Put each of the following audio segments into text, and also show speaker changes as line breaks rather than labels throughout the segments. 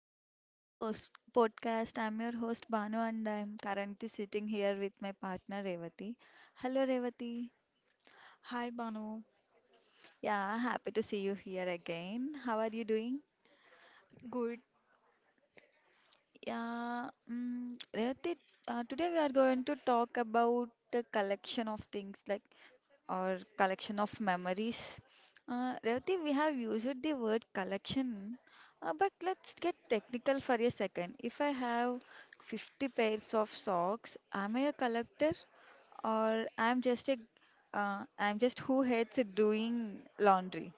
welcome back to the podcast. I'm your host Banu, and I'm currently sitting here with my partner Revati. Hello Revati.
Hi Banu,
Yeah, happy to see you here again. How are you doing?
good.
Yeah, Revati, today we are going to talk about the collection of things, or collection of memories. Revati, we have used the word collection, but let's get technical for a second. If I have 50 pairs of socks, am I a collector, or I'm just a I'm just who hates doing laundry?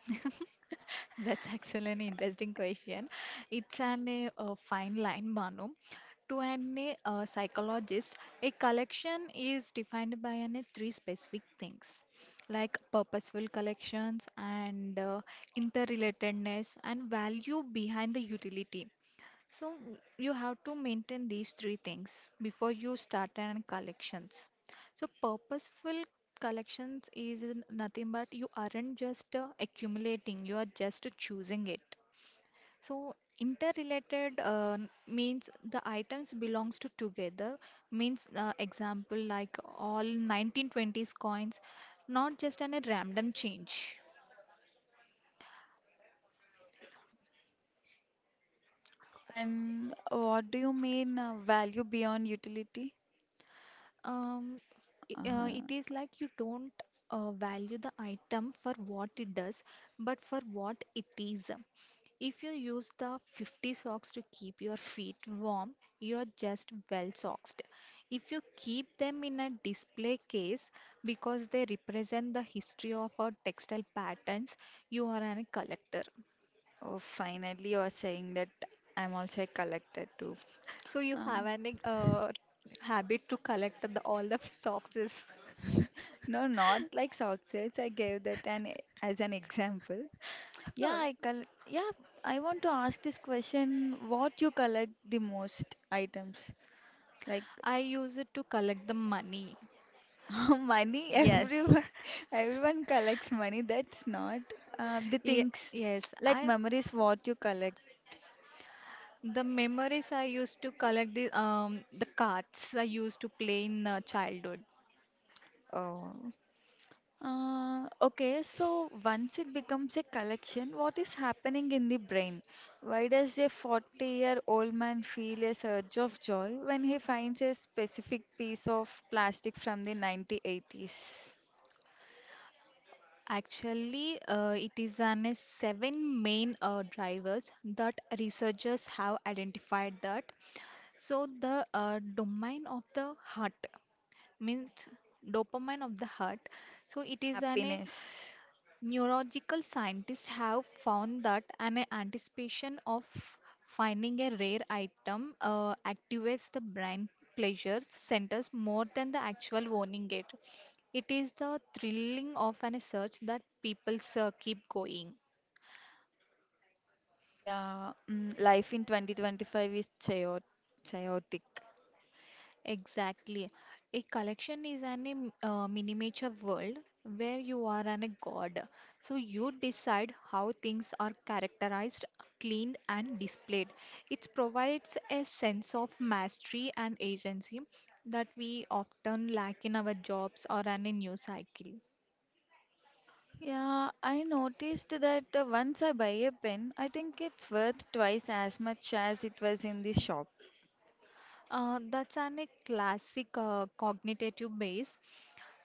That's excellent, interesting question. It's an a, fine line, Banu. To an a, psychologist, a collection is defined by three specific things, like purposeful collections and interrelatedness and value behind the utility. So you have to maintain these three things before you start an collections. So purposeful collections is nothing but you aren't just accumulating, you are just choosing it. So interrelated means the items belongs to together means example like all 1920s coins, not just on a random change.
And what do you mean value beyond utility?
Um,
Uh-huh.
it is like you don't value the item for what it does, but for what it is. If you use the 50 socks to keep your feet warm, you are just well socked. If you keep them in a display case because they represent the history of our textile patterns, you are a collector.
Oh, finally, you're saying that I'm also a collector too.
So you
Uh,
have an habit to collect the, all the socks.
no, not like success. I gave that as an example. Yeah, I col yeah, I want to ask this question. What you collect the most items? Like
I use it to collect the money.
money,
Yes.
everyone everyone collects money. That's not the
Ye-
things
yes.
like
I
memories what you collect.
the memories I used to collect the cards I used to play in childhood.
Oh. Okay, so once it becomes a collection, what is happening in the brain? Why does a 40-year-old man feel a surge of joy when he finds a specific piece of plastic from the 1980s?
Actually, it is an seven main drivers that researchers have identified that. So the domain of the heart means dopamine of the heart. So it is an
Happiness.
Neurological scientists have found that an anticipation of finding a rare item activates the brain pleasure centers more than the actual owning it. It is the thrilling of an search that people keep going.
Yeah, mm, life in 2025 is chaotic.
Exactly. A collection is an im- miniature world where you are an a god. So you decide how things are characterized, cleaned, and displayed. It provides a sense of mastery and agency that we often lack in our jobs or an in news cycle.
Yeah, I noticed that once I buy a pen, I think it's worth twice as much as it was in the shop.
That's an a classic cognitive base.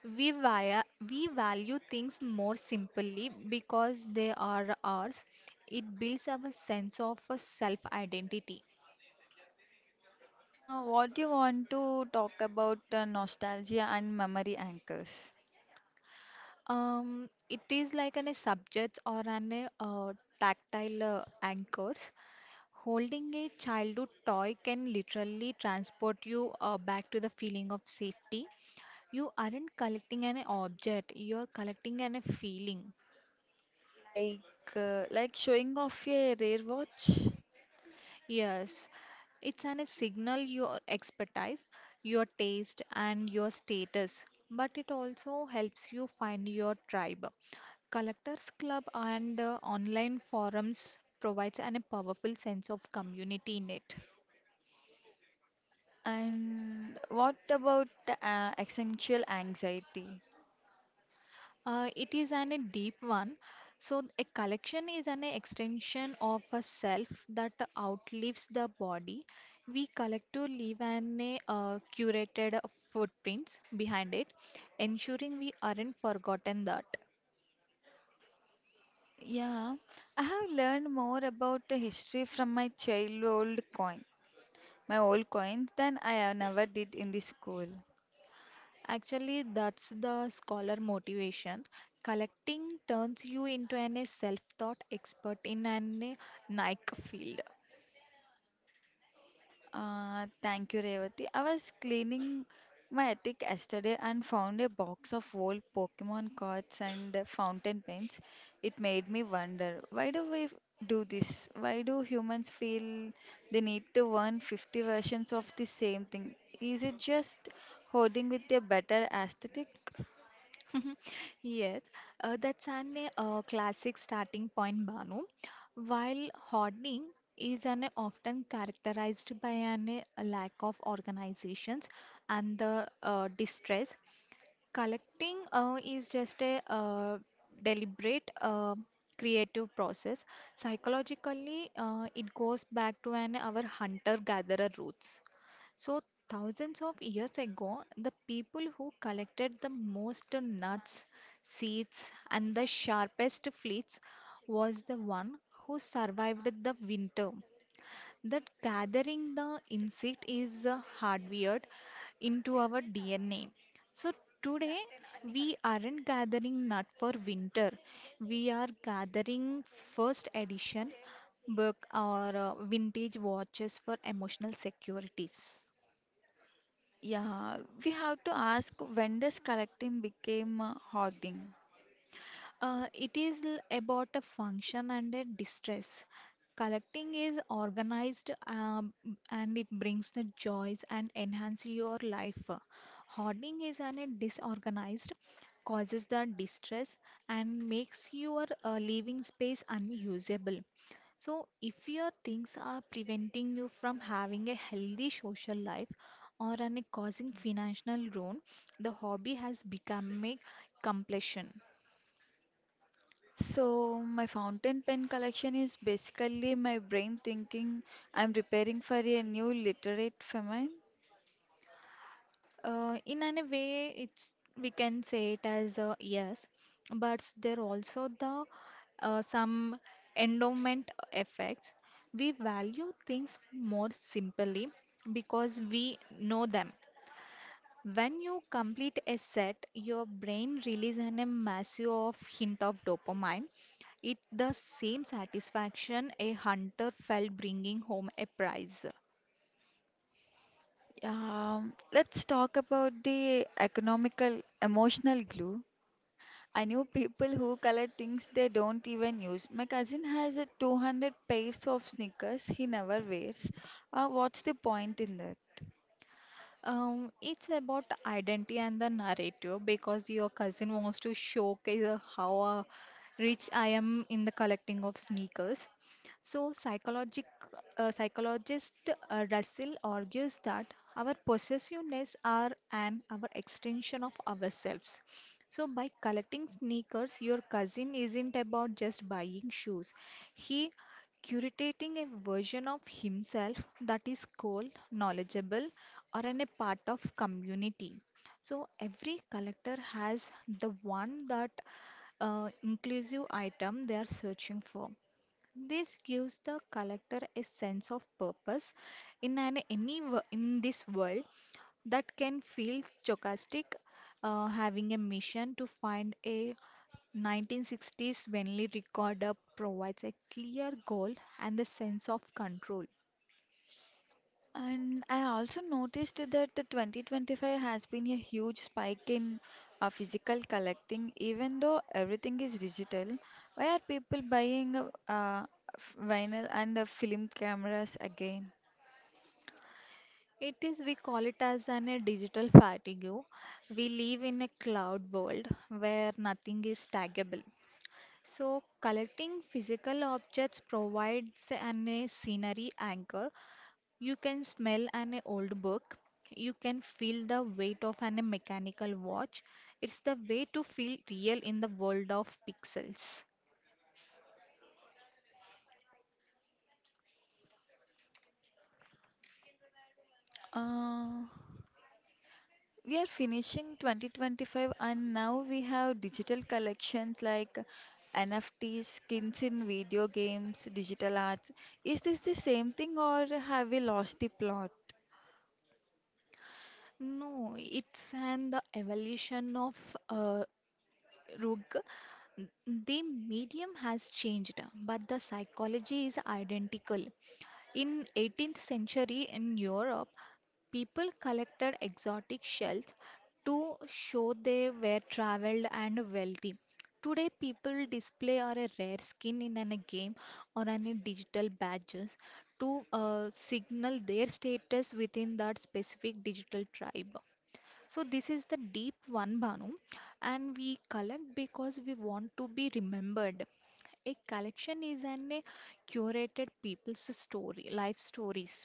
We, via, we value things more simply because they are ours. It builds up a sense of a self-identity.
What do you want to talk about nostalgia and memory anchors?
It is like an a subject or an a, tactile anchors. Holding a childhood toy can literally transport you back to the feeling of safety. You aren't collecting an object, you're collecting an a feeling.
Like like showing off a rare watch?
Yes, it's an, a signal your expertise, your taste, and your status, but it also helps you find your tribe. Collectors Club and online forums provides an, a powerful sense of community in it.
And what about existential anxiety?
It is an, a deep one. So, a collection is an extension of a self that outlives the body. We collect to leave an a, curated footprints behind it, ensuring we aren't forgotten that.
Yeah, I have learned more about the history from my childhood coin, my old coins than I have never did in the school.
Actually, that's the scholar motivation. Collecting turns you into an a self-taught expert in an a Nike field.
Thank you, Revati. I was cleaning my attic yesterday and found a box of old Pokemon cards and fountain pens. It made me wonder, why do do this? Why do humans feel they need to learn 50 versions of the same thing? Is it just hoarding with a better aesthetic?
Mhm. Yes, that's an classic starting point, Banu. While hoarding is an often characterized by an a lack of organizations and the distress, collecting is just a deliberate creative process. Psychologically, it goes back to an our hunter-gatherer roots. So, thousands of years ago, the people who collected the most nuts, seeds, and the sharpest fleets was the one who survived the winter. That gathering the insect is hardwired into our DNA. So, today we aren't gathering nut for winter, we are gathering first edition book or vintage watches for emotional securities.
Yeah, we have to ask, when does collecting became hoarding?
It is about a function and a distress. Collecting is organized and it brings the joys and enhance your life. Hoarding is an a disorganized, causes the distress and makes your living space unusable. So, if your things are preventing you from having a healthy social life or an, causing financial ruin, the hobby has become a completion.
So, my fountain pen collection is basically my brain thinking I'm preparing for a new literate famine.
In a way, it's we can say it as a yes, but there also the some endowment effects. We value things more simply because we know them. When you complete a set, your brain releases a massive of hint of dopamine. It the same satisfaction a hunter felt bringing home a prize.
Let's talk about the economical, emotional glue. I know people who color things they don't even use. My cousin has a 200 pairs of sneakers he never wears. What's the point in that?
It's about identity and the narrative because your cousin wants to showcase how rich I am in the collecting of sneakers. So, psychologist Russell argues that our possessiveness are an our extension of ourselves. So, by collecting sneakers, your cousin isn't about just buying shoes. He curating a version of himself that is cool, knowledgeable, are in a part of community. So every collector has the one that inclusive item they are searching for. This gives the collector a sense of purpose in an in this world that can feel stochastic, having a mission to find a 1960s Bentley recorder provides a clear goal and the sense of control.
And I also noticed that the 2025 has been a huge spike in physical collecting, even though everything is digital. Why are people buying vinyl and film cameras again?
It is, we call it as an a digital fatigue. We live in a cloud world where nothing is taggable. So, collecting physical objects provides an a scenery anchor. You can smell an old book. You can feel the weight of an mechanical watch. It's the way to feel real in the world of pixels.
Uh, we are finishing 2025 and now we have digital collections like NFTs, skins in video games, digital arts. Is this the same thing, or have we lost the plot?
No, it's an the evolution of Rug, the medium has changed, but the psychology is identical. In 18th century in Europe, people collected exotic shells to show they were traveled and wealthy. Today, people display or a rare skin in a game or any digital badges to signal their status within that specific digital tribe. So this is the deep one, Bhanu, and we collect because we want to be remembered. A collection is an a curated people's story, life stories.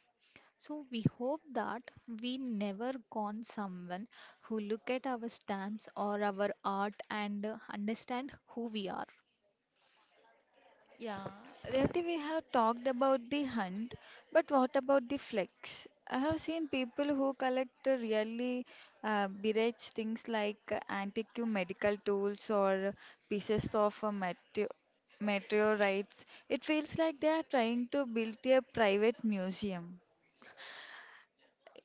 So we hope that we never gone someone who look at our stamps or our art and understand who we are.
Yeah, Rati, we have talked about the hunt, but what about the flex? I have seen people who collect really bereft things like antique medical tools, or pieces of meteorites. It feels like they are trying to build a private museum.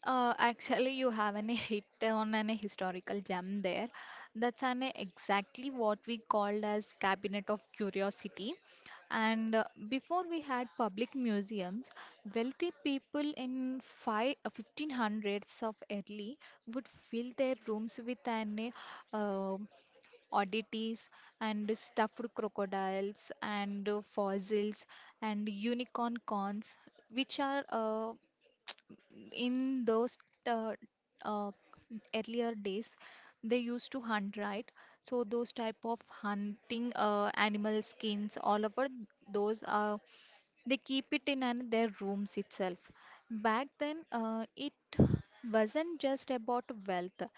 Actually, you have an hit on an historical gem there. That's an exactly what we called as cabinet of curiosity. And before we had public museums, wealthy people in 1500s of early would fill their rooms with an uh, oddities and stuffed crocodiles and fossils and unicorn corns, which are in those uh, uh, earlier days they used to hunt right so those type of hunting animal skins all over those are they keep it in an, their rooms itself back then it wasn't just about wealth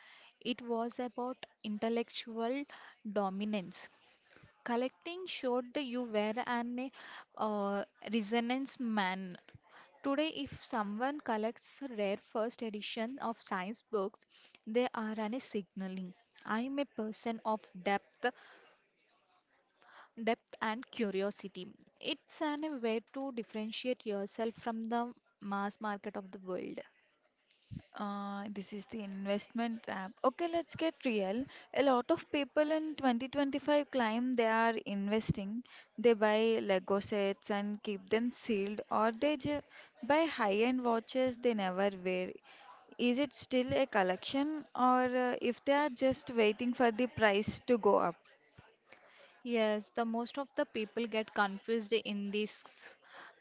it was about intellectual dominance collecting showed you were an uh, resonance man. Today, if someone collects rare first edition of science books, they are an signaling. I am a person of depth and curiosity. It's an way to differentiate yourself from the mass market of the world.
This is the investment trap. Okay, let's get real. A lot of people in 2025 claim they are investing. They buy Lego sets and keep them sealed, or buy high-end watches they never wear. Is it still a collection, or if they are just waiting for the price to go up?
Yes, the most of the people get confused in this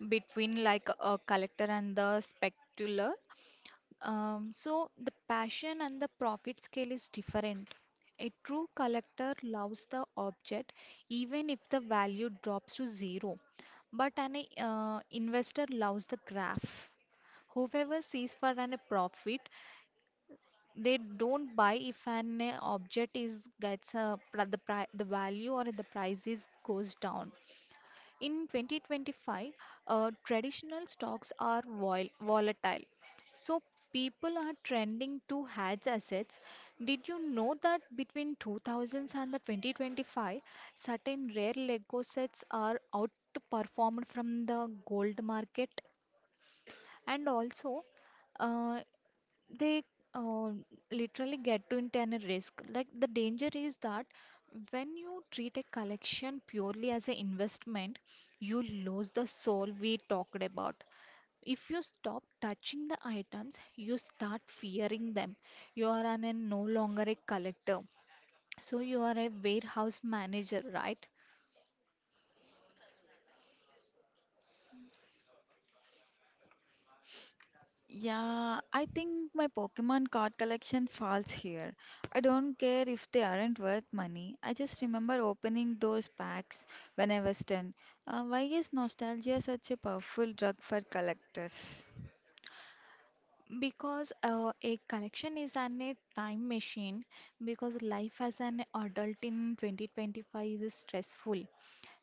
between like a collector and the specular. So the passion and the profit scale is different. A true collector loves the object even if the value drops to zero, but an investor loves the graph. Whoever sees for an profit, they don't buy if an object is gets the value or the price is goes down. In 2025, traditional stocks are volatile, so people are trending to hedge assets. Did you know that between 2000s and the 2025, certain rare Lego sets are outperformed from the gold market? And also, uh, they uh, literally get to internal risk. Like the danger is that when you treat a collection purely as an investment, you lose the soul we talked about. If you stop touching the items, you start fearing them. You are an no longer a collector. So you are a warehouse manager, right?
Yeah, I think my Pokemon card collection falls here. I don't care if they aren't worth money. I just remember opening those packs when I was 10. Why is nostalgia such a powerful drug for collectors?
Because a collection is an a time machine because life as an adult in 2025 is stressful.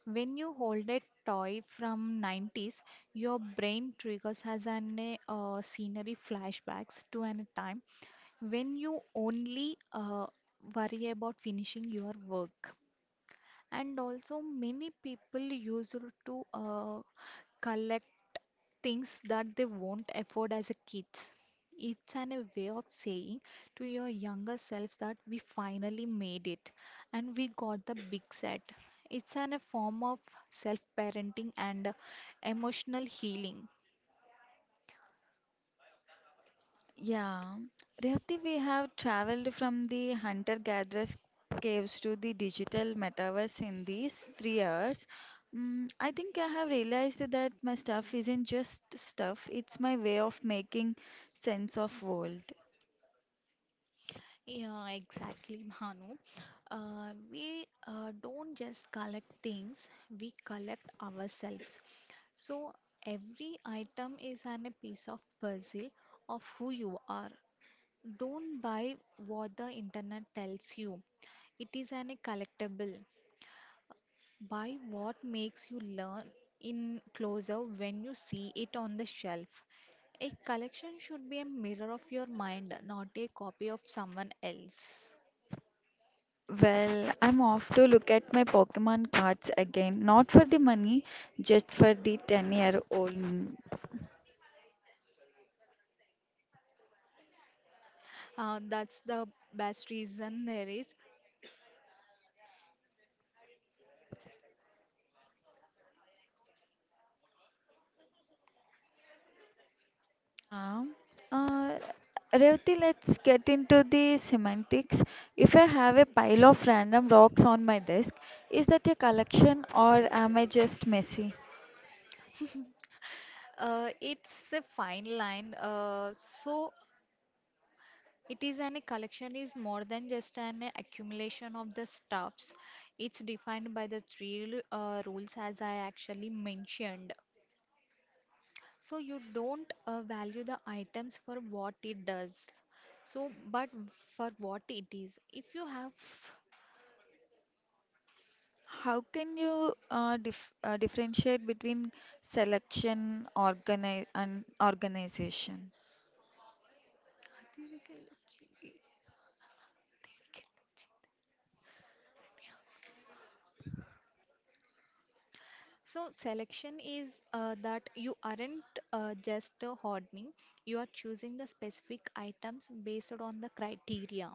When you hold a toy from 90s, your brain triggers as an scenery flashbacks to an time when you only worry about finishing your work, and also many people used to collect things that they won't afford as a kids. It's an a way of saying to your younger selves that we finally made it and we got the big set. It's an a form of self parenting and emotional healing.
Yeah, Rehati, we have traveled from the hunter-gatherers caves to the digital metaverse in these 3 hours. Mm, I think I have realized that my stuff isn't just stuff, it's my way of making sense of world.
Yeah, exactly, Bhanu. We don't just collect things, we collect ourselves. So every item is an, a piece of puzzle of who you are. Don't buy what the internet tells you. It is an, a collectible. Buy what makes you learn in closer when you see it on the shelf. A collection should be a mirror of your mind, not a copy of someone else.
Well, I'm off to look at my Pokemon cards again. Not for the money, just for the 10-year-old me.
That's the best reason there is.
Yeah. Uh, Revati, let's get into the semantics. If I have a pile of random rocks on my desk, is that a collection, or am I just messy?
It's a fine line. So it is an a collection is more than just an accumulation of the stuffs. It's defined by the three rules as I actually mentioned. So you don't value the items for what it does. So, but for what it is. If you have,
How can you differentiate between selection, organization?
so selection is that you aren't just hoarding, you are choosing the specific items based on the criteria.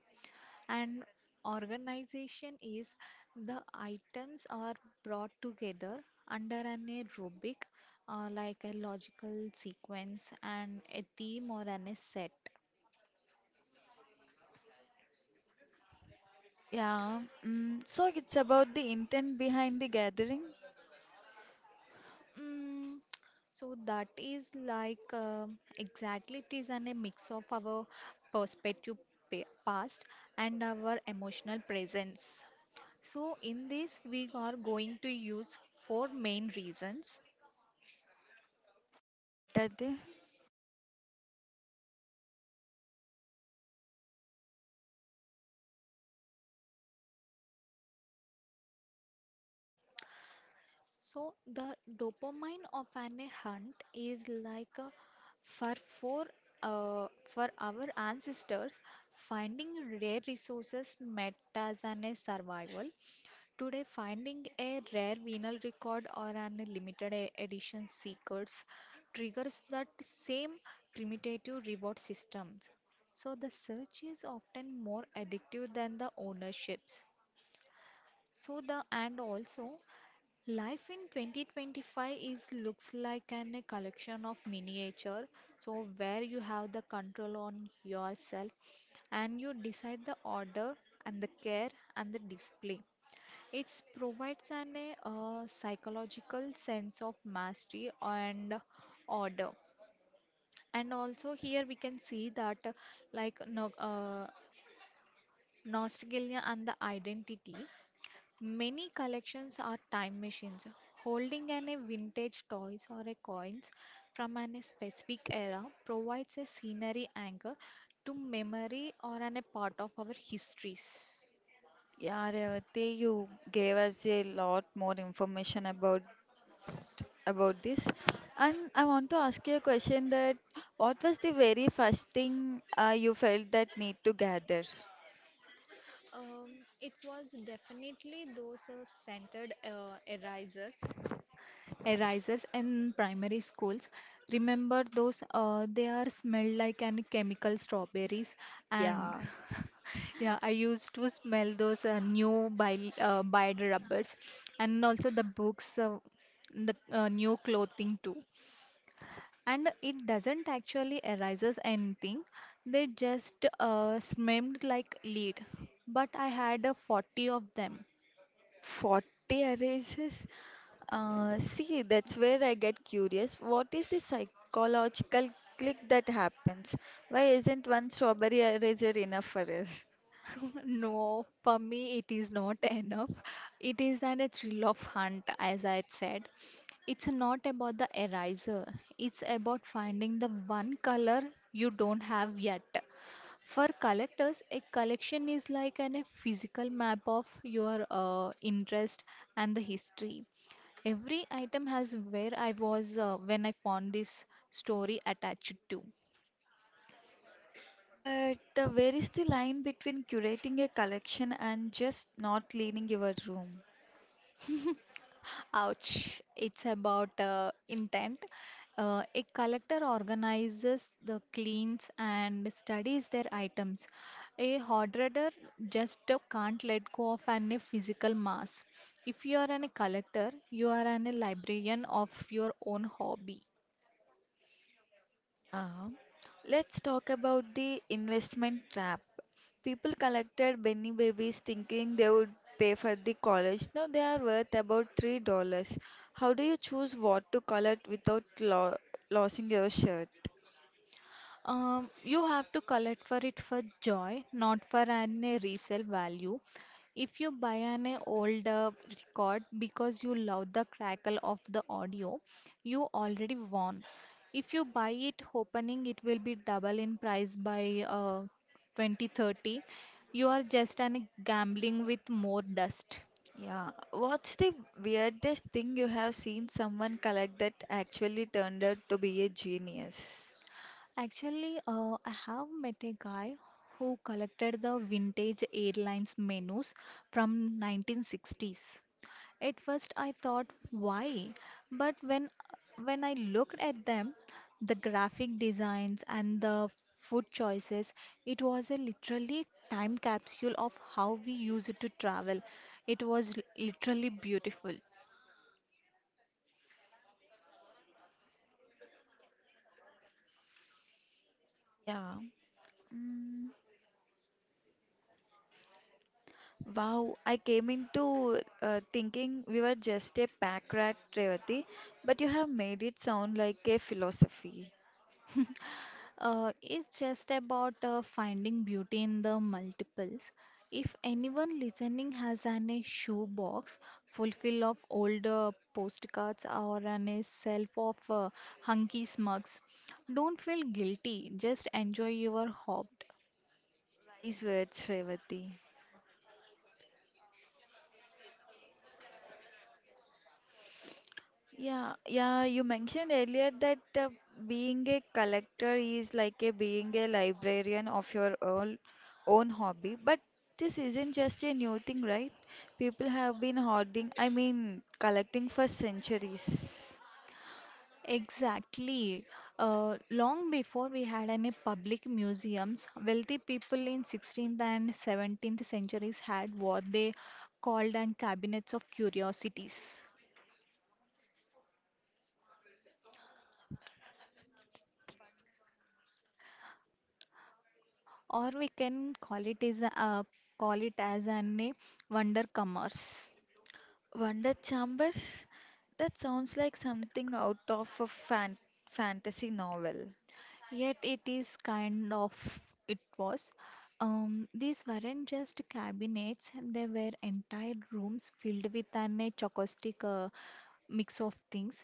And organization is the items are brought together under an aerobic, like a logical sequence and a theme or an a set.
Yeah, mm, so it's about the intent behind the gathering.
Mm, so that is like exactly it is an, a mix of our perspective past and our emotional presence. So in this we are going to use four main reasons.
What are they?
So the dopamine of an a hunt is like a, for four for our ancestors finding rare resources meant as an a survival. Today, finding a rare vinyl record or an limited edition secrets triggers that same primitive reward systems. So the search is often more addictive than the ownerships. So the and also life in 2025 is looks like an a collection of miniature. So where you have the control on yourself and you decide the order and the care and the display. It provides an psychological sense of mastery and order. And also here we can see that like no, nostalgia and the identity. Many collections are time machines holding an a vintage toys or a coins from an a specific era provides a scenery anchor to memory or an a part of our histories.
Yeah, Revati, you gave us a lot more information about this. And I want to ask you a question that, what was the very first thing you felt that need to gather?
Um, it was definitely those centered erasers in primary schools. Remember those? They are smelled like any chemical strawberries, and
Yeah,
yeah, I used to smell those new bi bile rubbers, and also the books, the new clothing too and it doesn't actually arises anything they just smemed like lead but I had 40 of them.
40 arises. See, that's where I get curious. What is the psychological click that happens? Why isn't one strawberry eraser enough for us?
No, for me it is not enough. It is an a thrill of hunt, as I had said. It's not about the eraser. It's about finding the one color you don't have yet. For collectors, a collection is like an, a physical map of your interest and the history. Every item has where I was when I found this story attached to.
But where is the line between curating a collection and just not cleaning your room?
Ouch, it's about intent. A collector organizes the cleans and studies their items. A hoarder just can't let go of any physical mass. If you are an a collector, you are an a librarian of your own hobby.
Yeah. Let's talk about the investment trap. People collected Benny babies thinking they would pay for the college. Now they are worth about $3. How do you choose what to collect without lo losing your shirt?
You have to collect for it for joy, not for an resale value. If you buy an old record because you love the crackle of the audio, you already won. If you buy it hoping it will be double in price by 2030, you are just an gambling with more dust.
Yeah. What's the weirdest thing you have seen someone collect that actually turned out to be a genius?
Actually, I have met a guy who collected the vintage airlines menus from 1960s. At first I thought why, but when I looked at them, the graphic designs and the food choices, it was a literally time capsule of how we used to travel. It was literally beautiful.
Yeah. Mm. Wow, I came into thinking we were just a pack rat, Revati, but you have made it sound like a philosophy.
It's just about finding beauty in the multiples. If anyone listening has an a shoebox full fill of old postcards or an a shelf of hunky smugs, don't feel guilty. Just enjoy your hobby.
Wise words, Revati. Yeah, yeah, you mentioned earlier that being a collector is like a being a librarian of your own hobby, but this isn't just a new thing, right? People have been hoarding, I mean, collecting for centuries.
Exactly. Long before we had any public museums, wealthy people in 16th and 17th centuries had what they called an cabinets of curiosities. Or we can call it is a call it as an a wonder commerce.
Wonder Chambers? That sounds like something out of a fantasy novel.
Yet it is kind of it was. These weren't just cabinets; they were entire rooms filled with an chocolastic mix of things.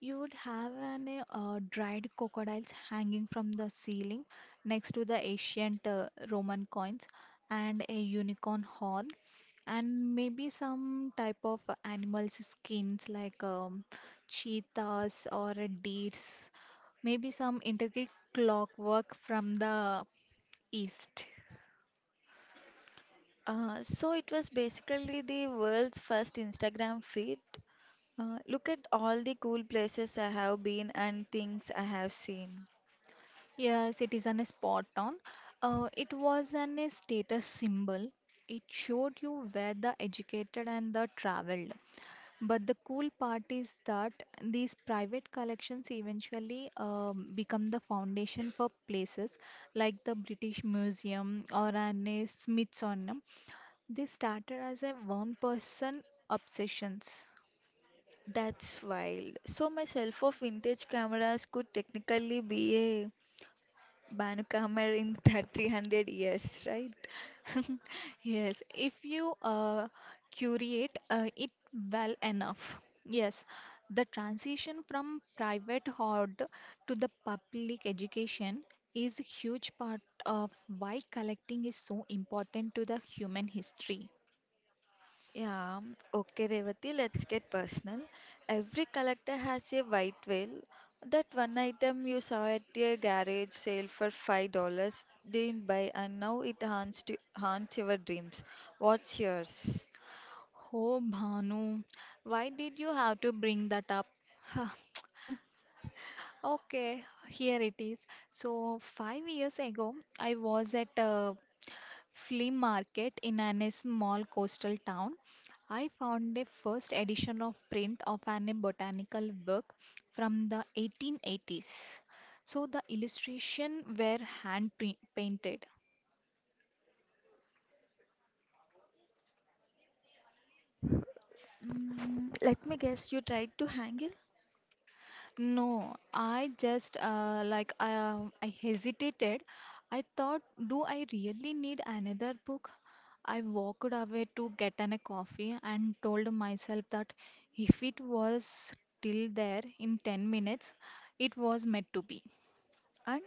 You would have an dried crocodiles hanging from the ceiling next to the ancient Roman coins and a unicorn horn and maybe some type of animals skins like cheetahs or deers. Maybe some intricate clockwork from the east.
So it was basically the world's first Instagram feed. Look at all the cool places I have been and things I have seen.
Yes, it is an spot on. It was an a status symbol. It showed you where the educated and the traveled. But the cool part is that these private collections eventually become the foundation for places like the British Museum or an a Smithsonian. They started as a one person obsessions.
That's wild. So my self-off vintage cameras could technically be a Banu camera in that 300 years, right?
Yes, if you curate it well enough. Yes, the transition from private hoard to the public education is a huge part of why collecting is so important to the human history.
Yeah, okay, Revati, let's get personal. Every collector has a white whale. That one item you saw at a garage sale for $5, didn't buy, and now it haunts your dreams. What's yours?
Oh, Bhanu, why did you have to bring that up? Okay, here it is. So, 5 years ago, I was at a flea market in a small coastal town. I found a first edition of print of an botanical book from the 1880s. So the illustrations were hand painted.
Mm, let me guess, you tried to hang it,
No, I just like I hesitated. I thought, do I really need another book? I walked away to get an, a coffee and told myself that if it was still there in 10 minutes, it was meant to be.
and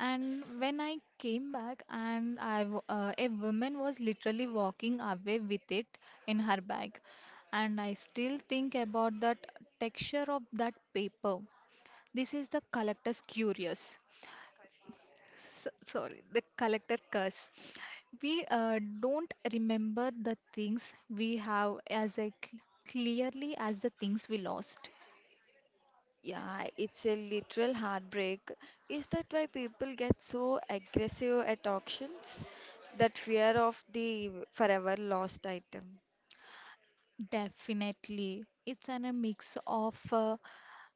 And when I came back, and I, a woman was literally walking away with it in her bag, and I still think about that texture of that paper this is the collector's curious. Sorry, the collector curse. We don't remember the things we have as a clearly as the things we lost.
yeah, it's a literal heartbreak. Is that why people get so aggressive at auctions? That fear of the forever lost item.
Definitely, it's an, a mix of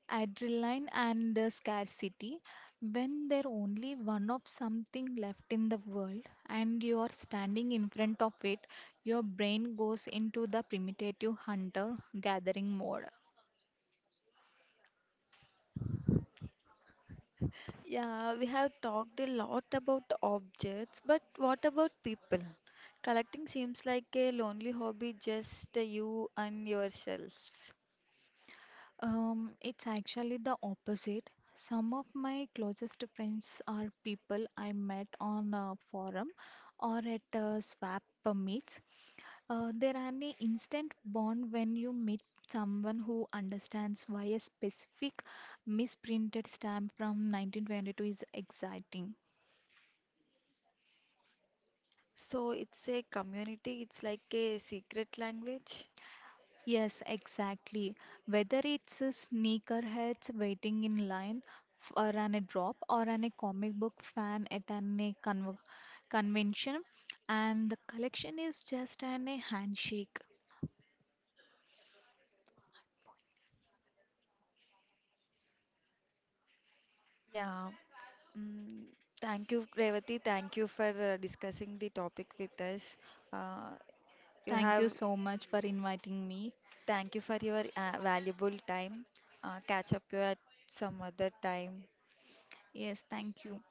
adrenaline and scarcity. When there only one of something left in the world and you are standing in front of it, your brain goes into the primitive hunter gathering mode.
Yeah, we have talked a lot about objects, but what about people? Collecting seems like a lonely hobby, just you and yourselves.
It's actually the opposite. Some of my closest friends are people I met on a forum or at a swap meets. There are an instant bond when you meet someone who understands why a specific misprinted stamp from 1922 is exciting.
So it's a community, it's like a secret language.
Yes, exactly. Whether it's a sneakerheads waiting in line for an a drop or an a comic book fan at an a convention, and the collection is just an a handshake.
Yeah, mm, thank you, Revati. Thank you for discussing the topic with us. Uh, you
Thank
have,
you so much for inviting me.
thank you for your valuable time. Catch up you at some other time.
Yes, thank you.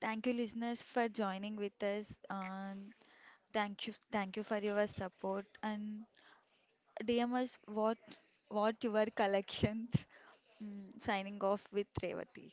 Thank you, listeners, for joining with us. Thank you, thank you for your support, and DM us what your collections. Mm, signing off with Revati.